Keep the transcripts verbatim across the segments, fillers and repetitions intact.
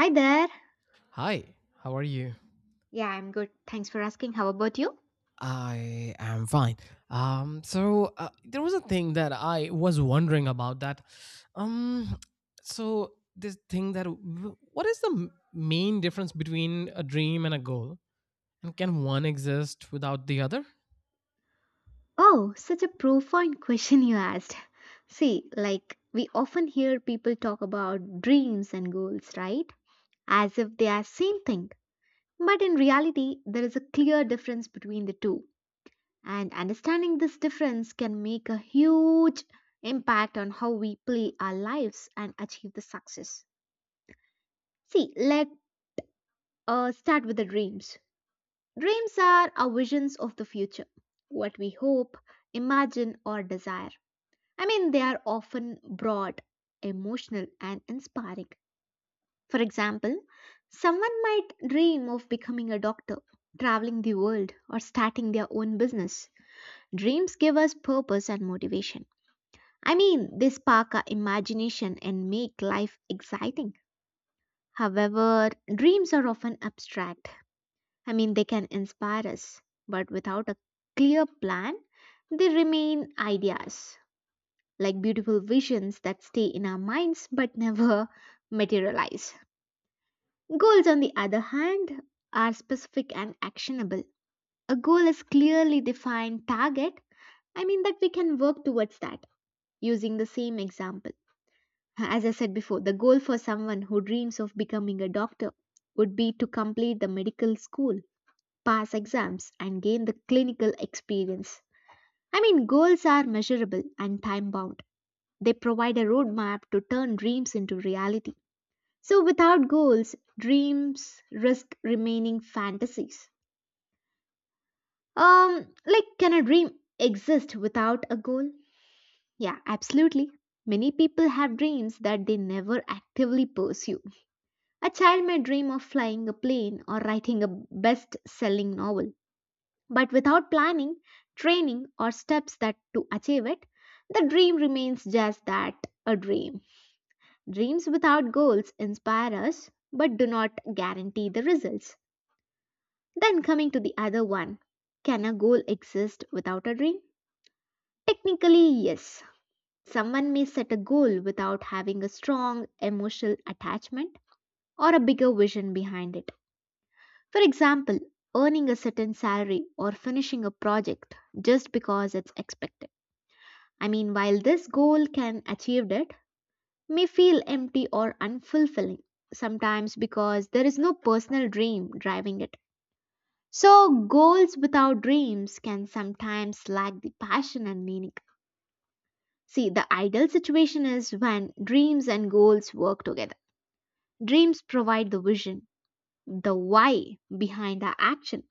Hi there. Hi, how are you? Yeah, I'm good. Thanks for asking. How about you? I am fine. Um, so uh, there was a thing that I was wondering about that. Um, so This thing that w- what is the m- main difference between a dream and a goal, and can one exist without the other? Oh, such a profound question you asked. See, like, we often hear people talk about dreams and goals, right? As if they are same thing. But in reality, there is a clear difference between the two. And understanding this difference can make a huge impact on how we play our lives and achieve the success. See, let uh, start with the dreams. Dreams are our visions of the future, what we hope, imagine, or desire. I mean, they are often broad, emotional, and inspiring. For example, someone might dream of becoming a doctor, traveling the world, or starting their own business. Dreams give us purpose and motivation. I mean, they spark our imagination and make life exciting. However, dreams are often abstract. I mean, they can inspire us, but without a clear plan, they remain ideas, like beautiful visions that stay in our minds but never materialize. Goals, on the other hand, are specific and actionable. A goal is clearly defined target, I mean, that we can work towards that using the same example. As I said before, the goal for someone who dreams of becoming a doctor would be to complete the medical school, pass exams, and gain the clinical experience. I mean, goals are measurable and time bound. They provide a roadmap to turn dreams into reality. So, without goals, dreams risk remaining fantasies. Um, like, can a dream exist without a goal? Yeah, absolutely. Many people have dreams that they never actively pursue. A child may dream of flying a plane or writing a best selling novel. But without planning, training, or steps that to achieve it, the dream remains just that, a dream. Dreams without goals inspire us but do not guarantee the results. Then coming to the other one, can a goal exist without a dream? Technically, yes. Someone may set a goal without having a strong emotional attachment or a bigger vision behind it. For example, earning a certain salary or finishing a project just because it's expected. I mean, while this goal can achieved it, may feel empty or unfulfilling sometimes because there is no personal dream driving it. So, goals without dreams can sometimes lack the passion and meaning. See, the ideal situation is when dreams and goals work together. Dreams provide the vision, the why behind the action,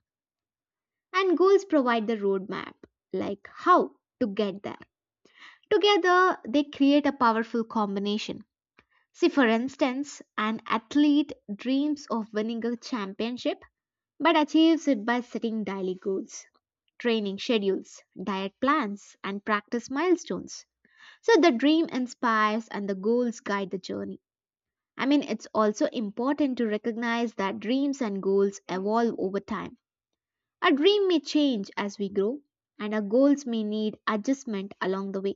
and goals provide the roadmap, like how to get there. Together, they create a powerful combination. See, for instance, an athlete dreams of winning a championship but achieves it by setting daily goals, training schedules, diet plans, and practice milestones. So the dream inspires and the goals guide the journey. I mean, it's also important to recognize that dreams and goals evolve over time. A dream may change as we grow, and our goals may need adjustment along the way.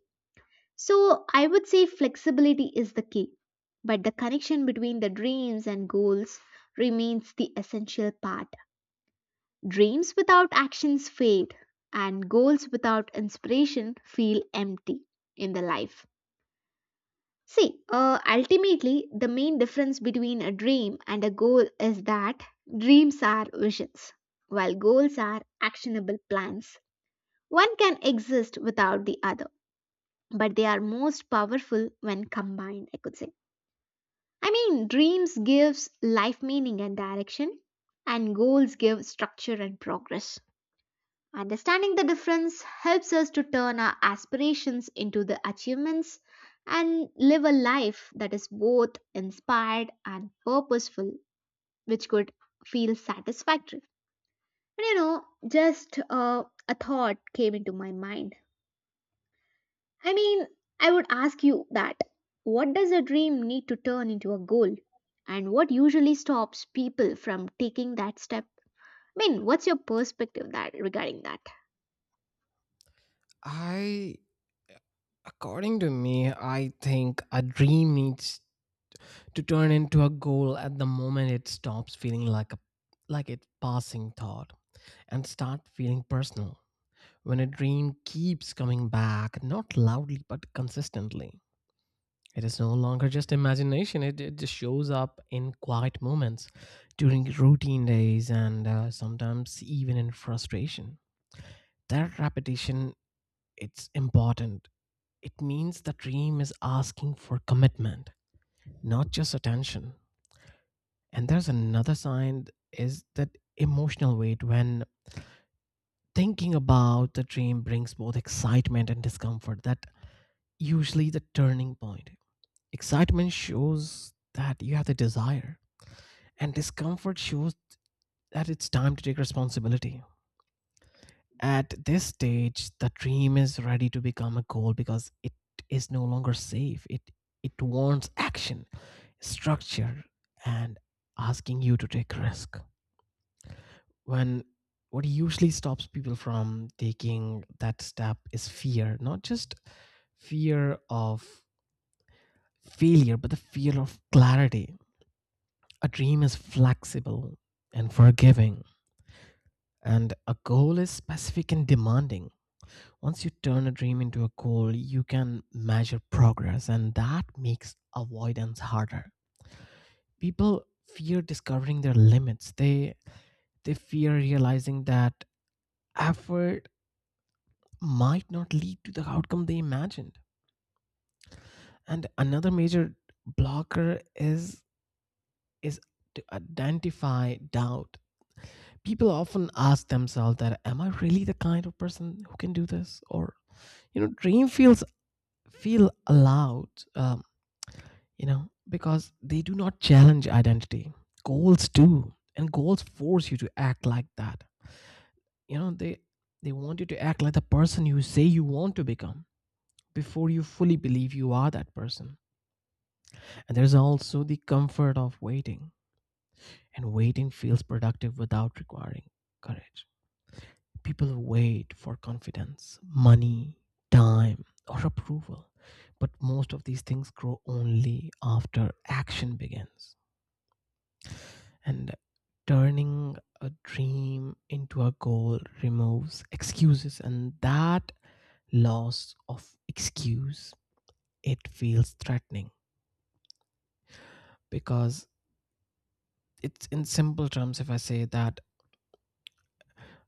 So I would say flexibility is the key, but the connection between the dreams and goals remains the essential part. Dreams without actions fade, and goals without inspiration feel empty in the life. See, uh, ultimately, the main difference between a dream and a goal is that dreams are visions, while goals are actionable plans. One can exist without the other, but they are most powerful when combined, I could say. I mean, dreams gives life meaning and direction, and goals give structure and progress. Understanding the difference helps us to turn our aspirations into the achievements and live a life that is both inspired and purposeful, which could feel satisfactory. And you know, just uh, a thought came into my mind. I mean, I would ask you that what does a dream need to turn into a goal? And what usually stops people from taking that step? I mean, what's your perspective that regarding that? I, According to me, I think a dream needs to turn into a goal at the moment it stops feeling like a like a passing thought and start feeling personal. When a dream keeps coming back, not loudly but consistently, it is no longer just imagination. It, it just shows up in quiet moments, during routine days, and uh, sometimes even in frustration. That repetition, it's important. It means the dream is asking for commitment, not just attention. And there's another sign, is that emotional weight. When thinking about the dream brings both excitement and discomfort, that usually the turning point. Excitement shows that you have the desire, and discomfort shows that it's time to take responsibility. At this stage, the dream is ready to become a goal because it is no longer safe. It it wants action, structure, and asking you to take risk. When what usually stops people from taking that step is fear, not just fear of failure but the fear of clarity. A dream is flexible and forgiving, and a goal is specific and demanding. Once you turn a dream into a goal, you can measure progress, and that makes avoidance harder. People fear discovering their limits. They they fear realizing that effort might not lead to the outcome they imagined. And another major blocker is is to identify doubt. People often ask themselves that, am I really the kind of person who can do this? Or you know, dream feels feel allowed, um, you know, because they do not challenge identity. Goals do, and goals force you to act like that. You know, they they want you to act like the person you say you want to become before you fully believe you are that person. And there's also the comfort of waiting, and waiting feels productive without requiring courage. People wait for confidence, money, time, or approval, but most of these things grow only after action begins. And turning a dream into a goal removes excuses, and that loss of excuse, it feels threatening because it's, in simple terms, if I say that,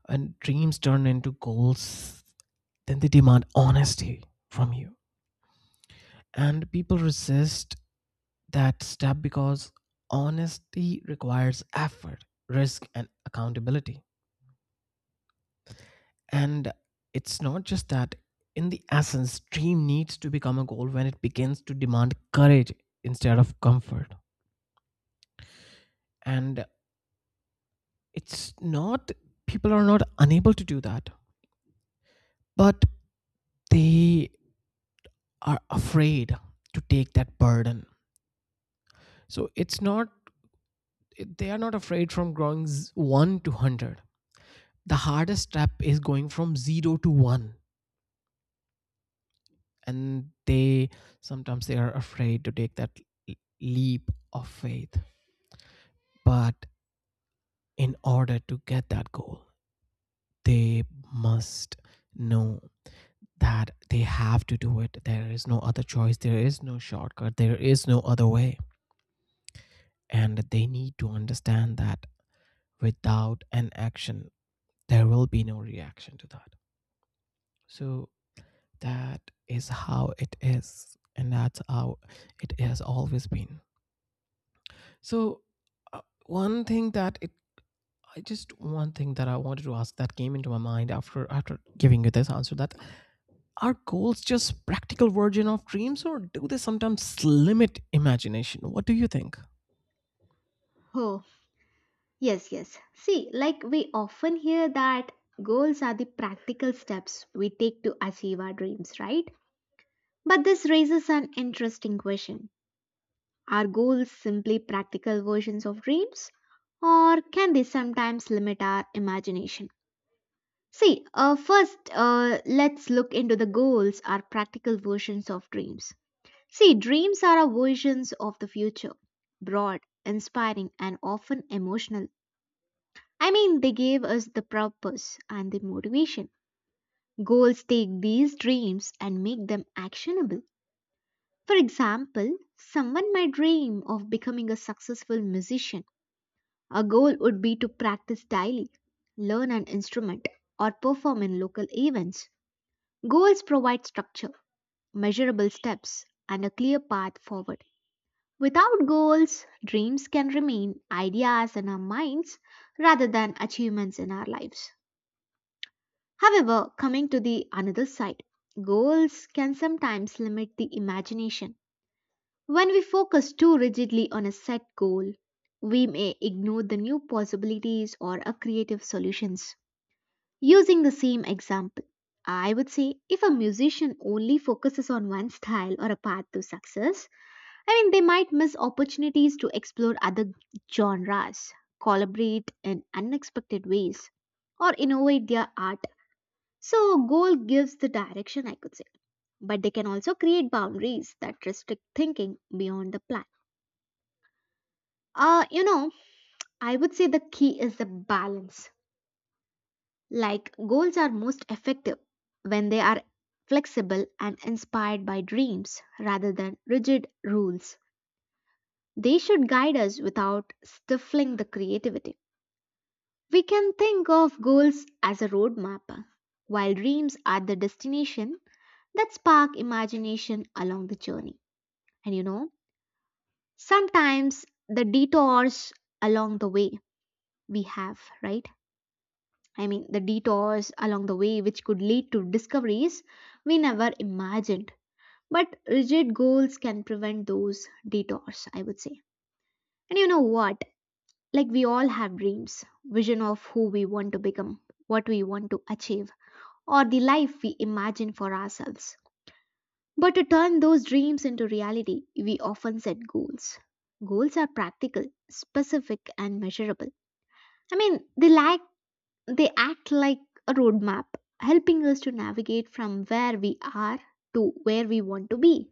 and dreams turn into goals, then they demand honesty from you. And people resist that step because honesty requires effort, risk, and accountability. And it's not just that, in the essence, dream needs to become a goal when it begins to demand courage instead of comfort. And it's not, people are not unable to do that, but they are afraid to take that burden. So it's not, they are not afraid from going z- one to one hundred. The hardest step is going from zero to one, and they, sometimes they are afraid to take that l- leap of faith. But in order to get that goal, they must know that they have to do it. There is no other choice, there is no shortcut, there is no other way. And they need to understand that without an action, there will be no reaction to that. So that is how it is, and that's how it has always been. So, uh, one thing that it I just one thing that I wanted to ask that came into my mind after after giving you this answer, that are goals just practical version of dreams, or do they sometimes limit imagination? What do you think? Oh, yes, yes. See, like we often hear that goals are the practical steps we take to achieve our dreams, right? But this raises an interesting question. Are goals simply practical versions of dreams? Or can they sometimes limit our imagination? See, uh, first, uh, let's look into the goals are practical versions of dreams. See, dreams are our visions of the future, broad, inspiring, and often emotional. I mean, they gave us the purpose and the motivation. Goals take these dreams and make them actionable. For example, someone might dream of becoming a successful musician. A goal would be to practice daily, learn an instrument, or perform in local events. Goals provide structure, measurable steps, and a clear path forward. Without goals, dreams can remain ideas in our minds rather than achievements in our lives. However, coming to the another side, goals can sometimes limit the imagination. When we focus too rigidly on a set goal, we may ignore the new possibilities or a creative solutions. Using the same example, I would say if a musician only focuses on one style or a path to success, I mean, they might miss opportunities to explore other genres, collaborate in unexpected ways, or innovate their art. So, a goal gives the direction, I could say, but they can also create boundaries that restrict thinking beyond the plan. Uh, you know, I would say the key is the balance. Like goals are most effective when they are flexible and inspired by dreams rather than rigid rules. They should guide us without stifling the creativity. We can think of goals as a roadmap, while dreams are the destination that spark imagination along the journey. And you know, sometimes the detours along the way we have, right? I mean, the detours along the way which could lead to discoveries we never imagined. But rigid goals can prevent those detours, I would say. And you know what? Like we all have dreams, vision of who we want to become, what we want to achieve, or the life we imagine for ourselves. But to turn those dreams into reality, we often set goals. Goals are practical, specific, and measurable. I mean, they lack. They act like a roadmap, helping us to navigate from where we are to where we want to be.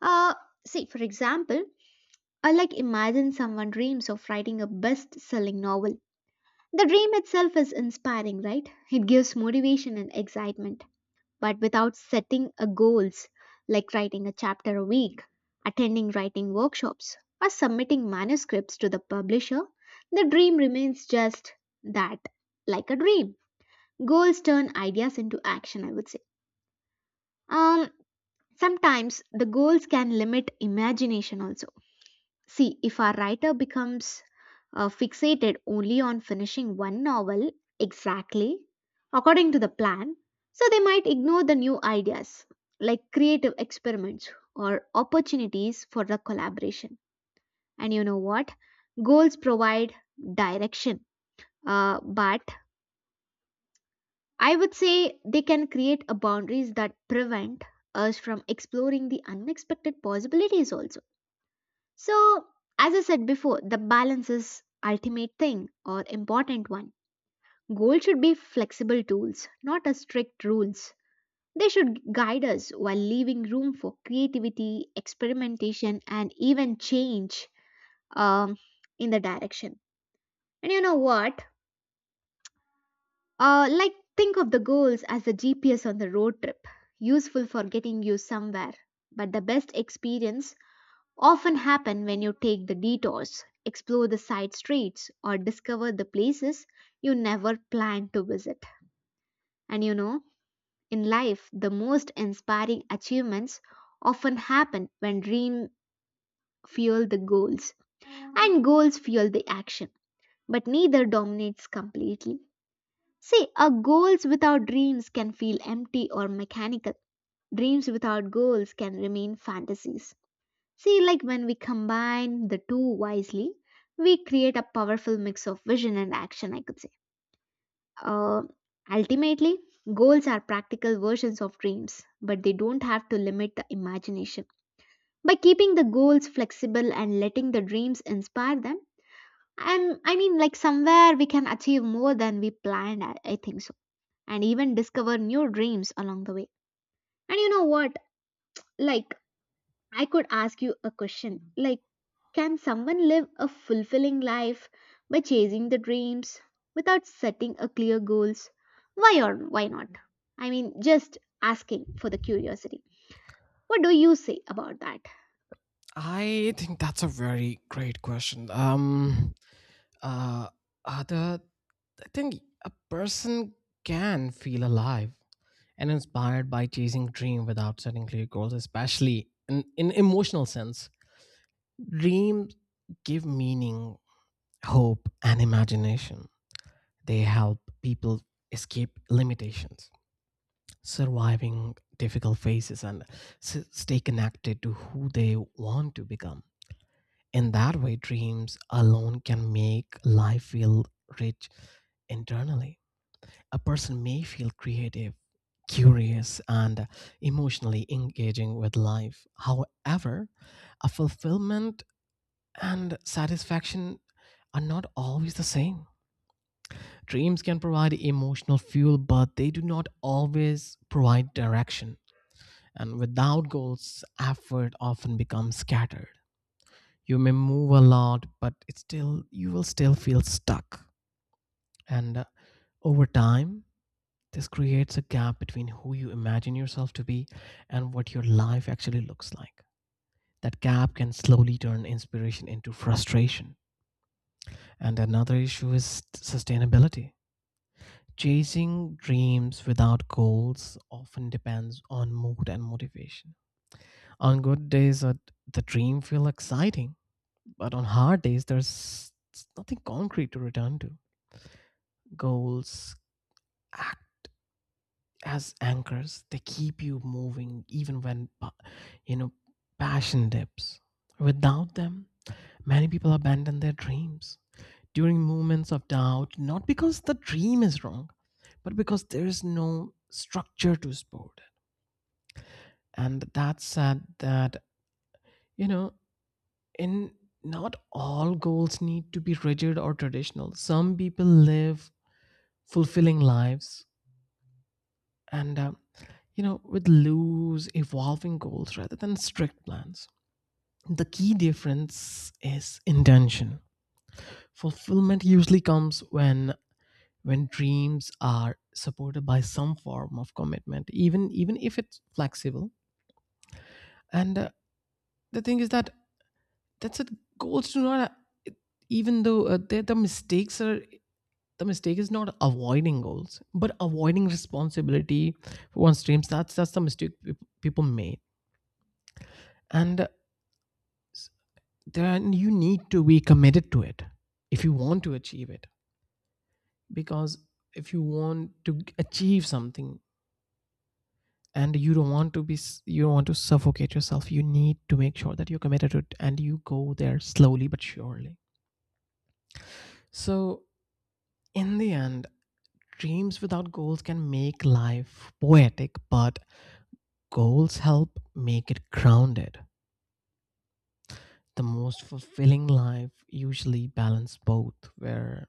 Uh, See, for example, I like imagine someone dreams of writing a best selling novel. The dream itself is inspiring, right? It gives motivation and excitement. But without setting a goals like writing a chapter a week, attending writing workshops, or submitting manuscripts to the publisher, the dream remains just that, like a dream. Goals turn ideas into action, I would say. Um, Sometimes the goals can limit imagination also. See, if our writer becomes uh, fixated only on finishing one novel exactly according to the plan, so they might ignore the new ideas like creative experiments or opportunities for the collaboration. And you know what? Goals provide direction, uh, but I would say they can create a boundaries that prevent us from exploring the unexpected possibilities also. So, as I said before, the balance is ultimate thing or important one. Goals should be flexible tools, not a strict rules. They should guide us while leaving room for creativity, experimentation, and even change um, in the direction. And you know what? Uh, like, think of the goals as a G P S on the road trip, useful for getting you somewhere. But the best experience often happen when you take the detours, explore the side streets, or discover the places you never planned to visit. And you know, in life, the most inspiring achievements often happen when dream fuel the goals and goals fuel the action, but neither dominates completely. See, our goals without dreams can feel empty or mechanical. Dreams without goals can remain fantasies. See, like when we combine the two wisely, we create a powerful mix of vision and action, I could say. Uh, Ultimately, goals are practical versions of dreams, but they don't have to limit the imagination. By keeping the goals flexible and letting the dreams inspire them, and I mean, like somewhere we can achieve more than we planned, I I think so, and even discover new dreams along the way. And you know what? Like, I could ask you a question like, can someone live a fulfilling life by chasing the dreams without setting a clear goals? Why or why not? I mean, just asking for the curiosity. What do you say about that? I think that's a very great question. Um uh, uh the I think a person can feel alive and inspired by chasing dream without setting clear goals, especially in, in emotional sense. Dreams give meaning, hope, and imagination. They help people escape limitations, surviving difficult phases, and s- stay connected to who they want to become. In that way, dreams alone can make life feel rich internally. A person may feel creative, curious, and emotionally engaging with life. However, a fulfillment and satisfaction are not always the same. Dreams can provide emotional fuel, but they do not always provide direction. And without goals, effort often becomes scattered. You may move a lot, but it's still, you will still feel stuck. And uh, over time, this creates a gap between who you imagine yourself to be and what your life actually looks like. That gap can slowly turn inspiration into frustration. And another issue is sustainability. Chasing dreams without goals often depends on mood and motivation. On good days, uh, the dream feels exciting, but on hard days, there's nothing concrete to return to. Goals as anchors, they keep you moving even when pa- you know, passion dips. Without them, many people abandon their dreams during moments of doubt, not because the dream is wrong, but because there is no structure to support it. And that said that, you know, in not all goals need to be rigid or traditional. Some people live fulfilling lives and um, you know, with loose evolving goals rather than strict plans. The key difference is intention. Fulfillment usually comes when when dreams are supported by some form of commitment, even even if it's flexible. And uh, the thing is that that's it goals do not, even though uh, the, the mistakes are the mistake is not avoiding goals but avoiding responsibility for one's dreams. That's that's the mistake peop- people made. And then you need to be committed to it if you want to achieve it. Because if you want to g- achieve something, and you don't want to be s- you don't want to suffocate yourself, you need to make sure that you're committed to it and you go there slowly but surely. So in the end, dreams without goals can make life poetic, but goals help make it grounded. The most fulfilling life usually balance both, where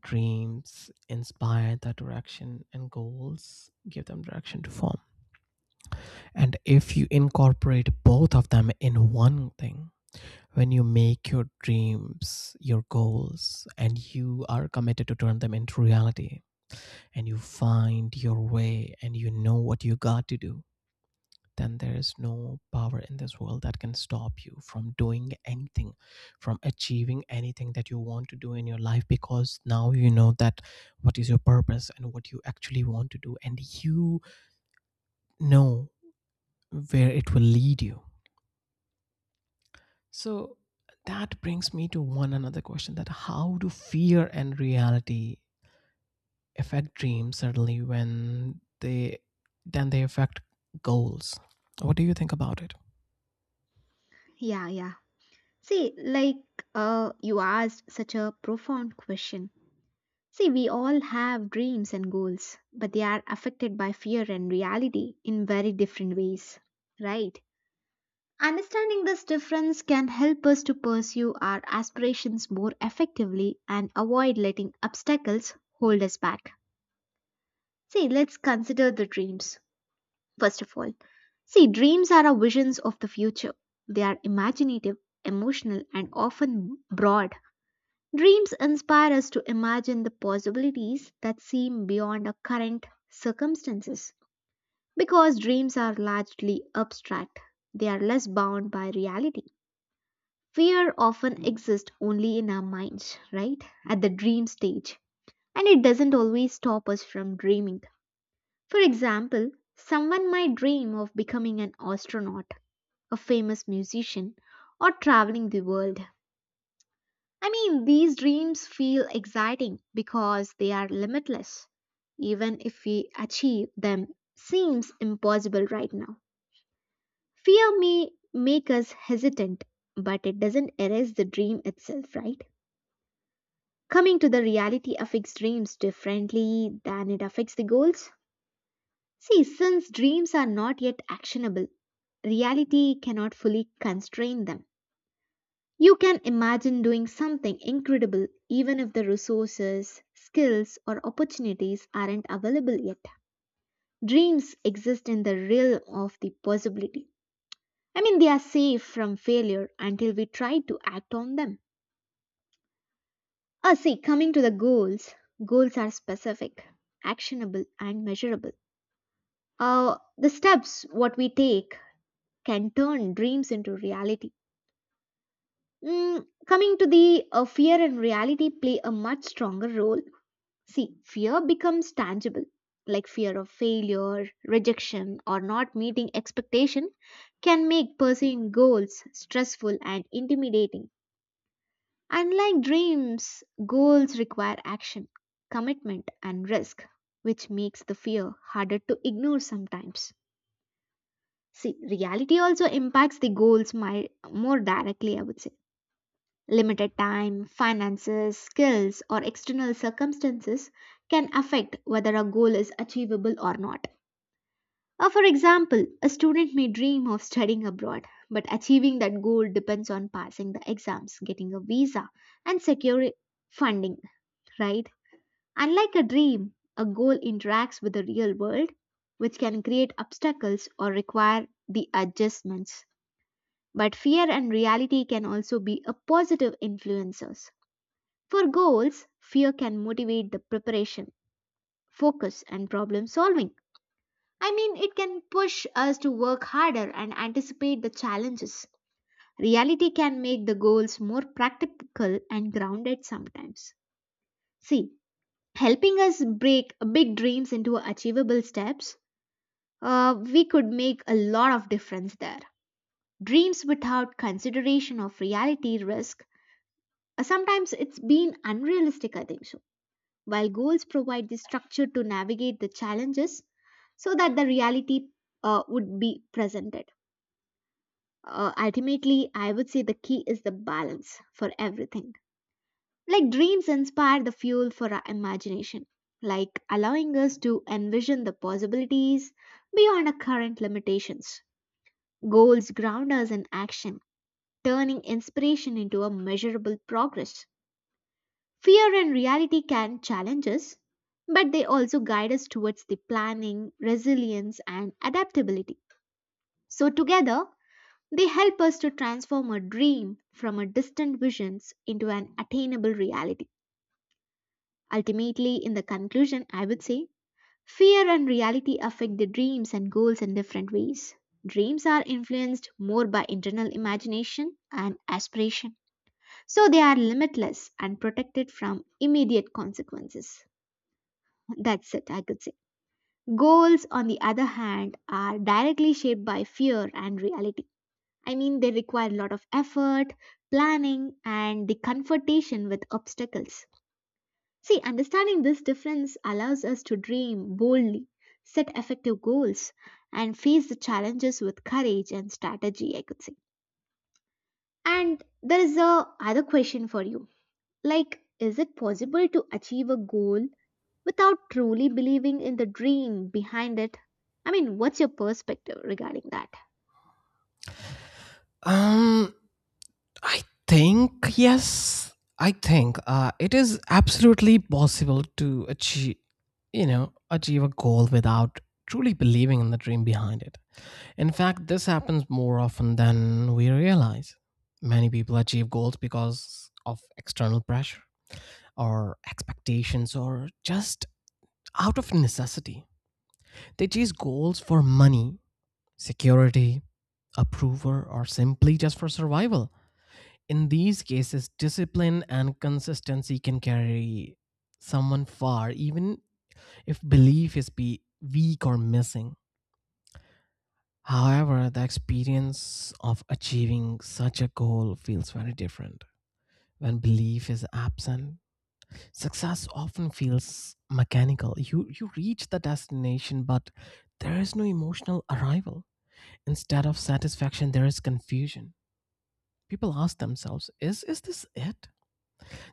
dreams inspire the direction and goals give them direction to form. And if you incorporate both of them in one thing, when you make your dreams your goals and you are committed to turn them into reality, and you find your way, and you know what you got to do, then there is no power in this world that can stop you from doing anything, from achieving anything that you want to do in your life, because now you know that what is your purpose and what you actually want to do, and you know where it will lead you. So that brings me to one another question, that how do fear and reality affect dreams, certainly when they then they affect goals? What do you think about it? Yeah, yeah. See, like uh, you asked such a profound question. See, we all have dreams and goals, but they are affected by fear and reality in very different ways, right? Understanding this difference can help us to pursue our aspirations more effectively and avoid letting obstacles hold us back. See, let's consider the dreams, first of all. See, dreams are our visions of the future. They are imaginative, emotional, and often broad. Dreams inspire us to imagine the possibilities that seem beyond our current circumstances. Because dreams are largely abstract, they are less bound by reality. Fear often exists only in our minds, right? At the dream stage. And it doesn't always stop us from dreaming. For example, someone might dream of becoming an astronaut, a famous musician, or traveling the world. I mean, these dreams feel exciting because they are limitless. Even if we achieve them, seems impossible right now. Fear may make us hesitant, but it doesn't erase the dream itself, right? Coming to the reality affects dreams differently than it affects the goals. See, since dreams are not yet actionable, reality cannot fully constrain them. You can imagine doing something incredible even if the resources, skills, or opportunities aren't available yet. Dreams exist in the realm of the possibility. I mean, they are safe from failure until we try to act on them. Ah, see, coming to the goals, goals are specific, actionable, and measurable. Uh, the steps what we take can turn dreams into reality. Mm, coming to the uh, Fear and reality play a much stronger role. See, fear becomes tangible, like fear of failure, rejection, or not meeting expectation can make pursuing goals stressful and intimidating. Unlike dreams, goals require action, commitment, and risk, which makes the fear harder to ignore sometimes. See, reality also impacts the goals my, more directly, I would say. Limited time, finances, skills, or external circumstances can affect whether a goal is achievable or not. Uh, for example, a student may dream of studying abroad, but achieving that goal depends on passing the exams, getting a visa, and securing funding, right? Unlike a dream, a goal interacts with the real world, which can create obstacles or require the adjustments. But fear and reality can also be a positive influencers. For goals, fear can motivate the preparation, focus, and problem solving. I mean, it can push us to work harder and anticipate the challenges. Reality can make the goals more practical and grounded sometimes. See, helping us break big dreams into achievable steps, uh, we could make a lot of difference there. Dreams without consideration of reality risk, uh, sometimes it's been unrealistic, I think so, while goals provide the structure to navigate the challenges so that the reality uh, would be presented. Uh, ultimately, I would say the key is the balance for everything. Like dreams inspire the fuel for our imagination, like allowing us to envision the possibilities beyond our current limitations. Goals ground us in action, turning inspiration into a measurable progress. Fear and reality can challenge us, but they also guide us towards the planning, resilience, and adaptability. So, together, they help us to transform a dream from a distant visions into an attainable reality. Ultimately, in the conclusion, I would say fear and reality affect the dreams and goals in different ways. Dreams are influenced more by internal imagination and aspiration, so they are limitless and protected from immediate consequences. That's it, I could say. Goals, on the other hand, are directly shaped by fear and reality. I mean, they require a lot of effort, planning, and the confrontation with obstacles. See, understanding this difference allows us to dream boldly, set effective goals, and face the challenges with courage and strategy, I could say. And there is a other question for you. Like, is it possible to achieve a goal without truly believing in the dream behind it? I mean, what's your perspective regarding that? um I think yes. I think uh, it is absolutely possible to achieve, you know, achieve a goal without truly believing in the dream behind it. In fact, this happens more often than we realize. Many people achieve goals because of external pressure, or expectations, or just out of necessity. They chase goals for money, security, approval, or simply just for survival. In these cases, discipline and consistency can carry someone far, even if belief is be weak or missing. However, the experience of achieving such a goal feels very different. When belief is absent, success often feels mechanical. You, you reach the destination, but there is no emotional arrival. Instead of satisfaction, there is confusion. People ask themselves, is, is this it?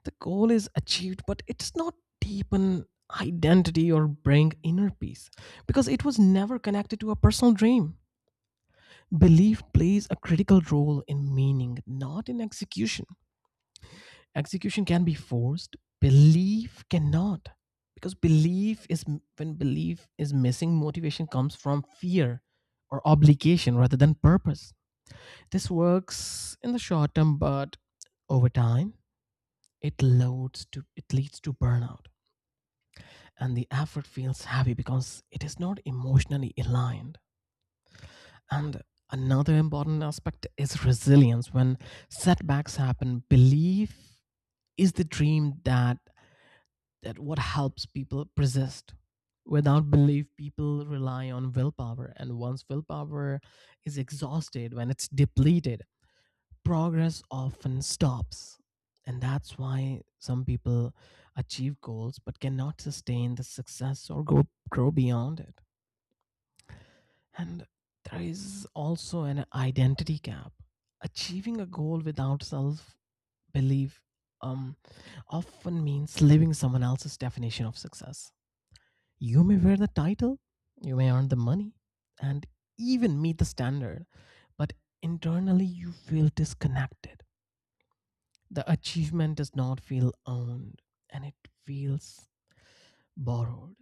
The goal is achieved, but it does not deepen identity or bring inner peace because it was never connected to a personal dream. Belief plays a critical role in meaning, not in execution. Execution can be forced, belief cannot. Because belief is When belief is missing, motivation comes from fear or obligation rather than purpose. This works in the short term, but over time, it loads to it leads to burnout, and the effort feels heavy because it is not emotionally aligned. And another important aspect is resilience. When setbacks happen, belief is the dream that that what helps people persist. Without belief, people rely on willpower, and once willpower is exhausted, when it's depleted, progress often stops. And that's why some people achieve goals but cannot sustain the success or go grow beyond it. And there is also an identity gap. Achieving a goal without self belief um, often means living someone else's definition of success. You may wear the title, you may earn the money, and even meet the standard, but internally you feel disconnected. The achievement does not feel owned, and it feels borrowed.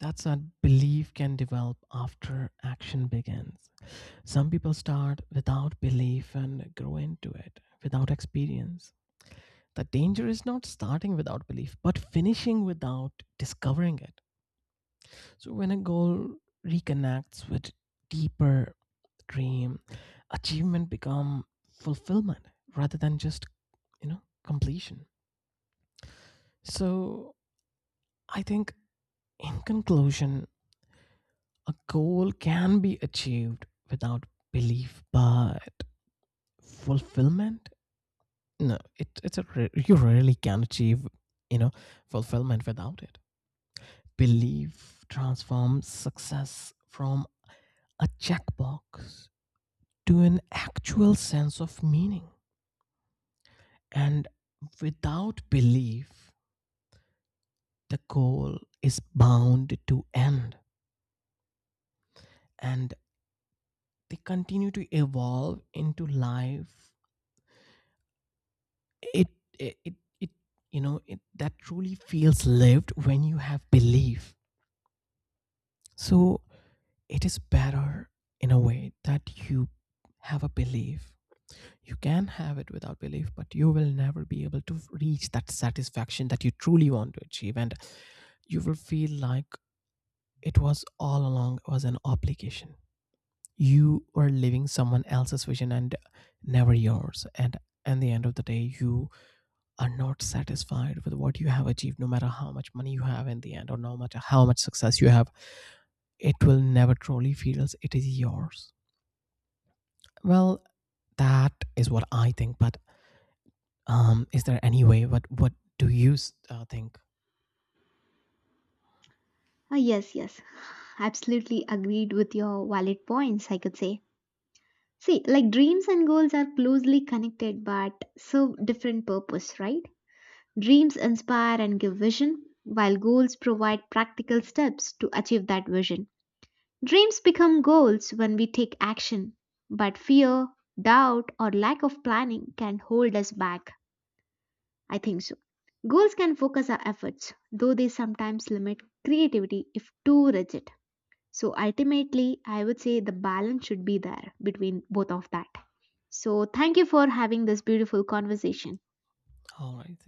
That's what belief can develop after action begins. Some people start without belief and grow into it without experience. The danger is not starting without belief, but finishing without discovering it. So, when a goal reconnects with deeper dream, achievement become fulfillment rather than just, you know, completion. So, I think in conclusion, a goal can be achieved without belief, but fulfillment, no, it, it's a ra- you really can achieve, you know, fulfillment without it. Belief transforms success from a checkbox to an actual sense of meaning. And without belief, the goal is bound to end. And they continue to evolve into life. It it it, it you know, it that truly feels lived when you have belief. So it is better in a way that you have a belief. You can have it without belief, but you will never be able to reach that satisfaction that you truly want to achieve. And you will feel like it was all along was an obligation. You were living someone else's vision and never yours. And at the end of the day, you are not satisfied with what you have achieved, no matter how much money you have in the end, or no matter how much success you have, it will never truly feel as it is yours. Well, that is what I think. But um, is there any way? What what do you s- uh, think? Ah, yes, yes, absolutely agreed with your valid points, I could say. See, like dreams and goals are closely connected but serve different purpose, right? Dreams inspire and give vision, while goals provide practical steps to achieve that vision. Dreams become goals when we take action, but fear, doubt, or lack of planning can hold us back. I think so. Goals can focus our efforts, though they sometimes limit creativity if too rigid. So ultimately, I would say the balance should be there between both of that. So thank you for having this beautiful conversation. All right.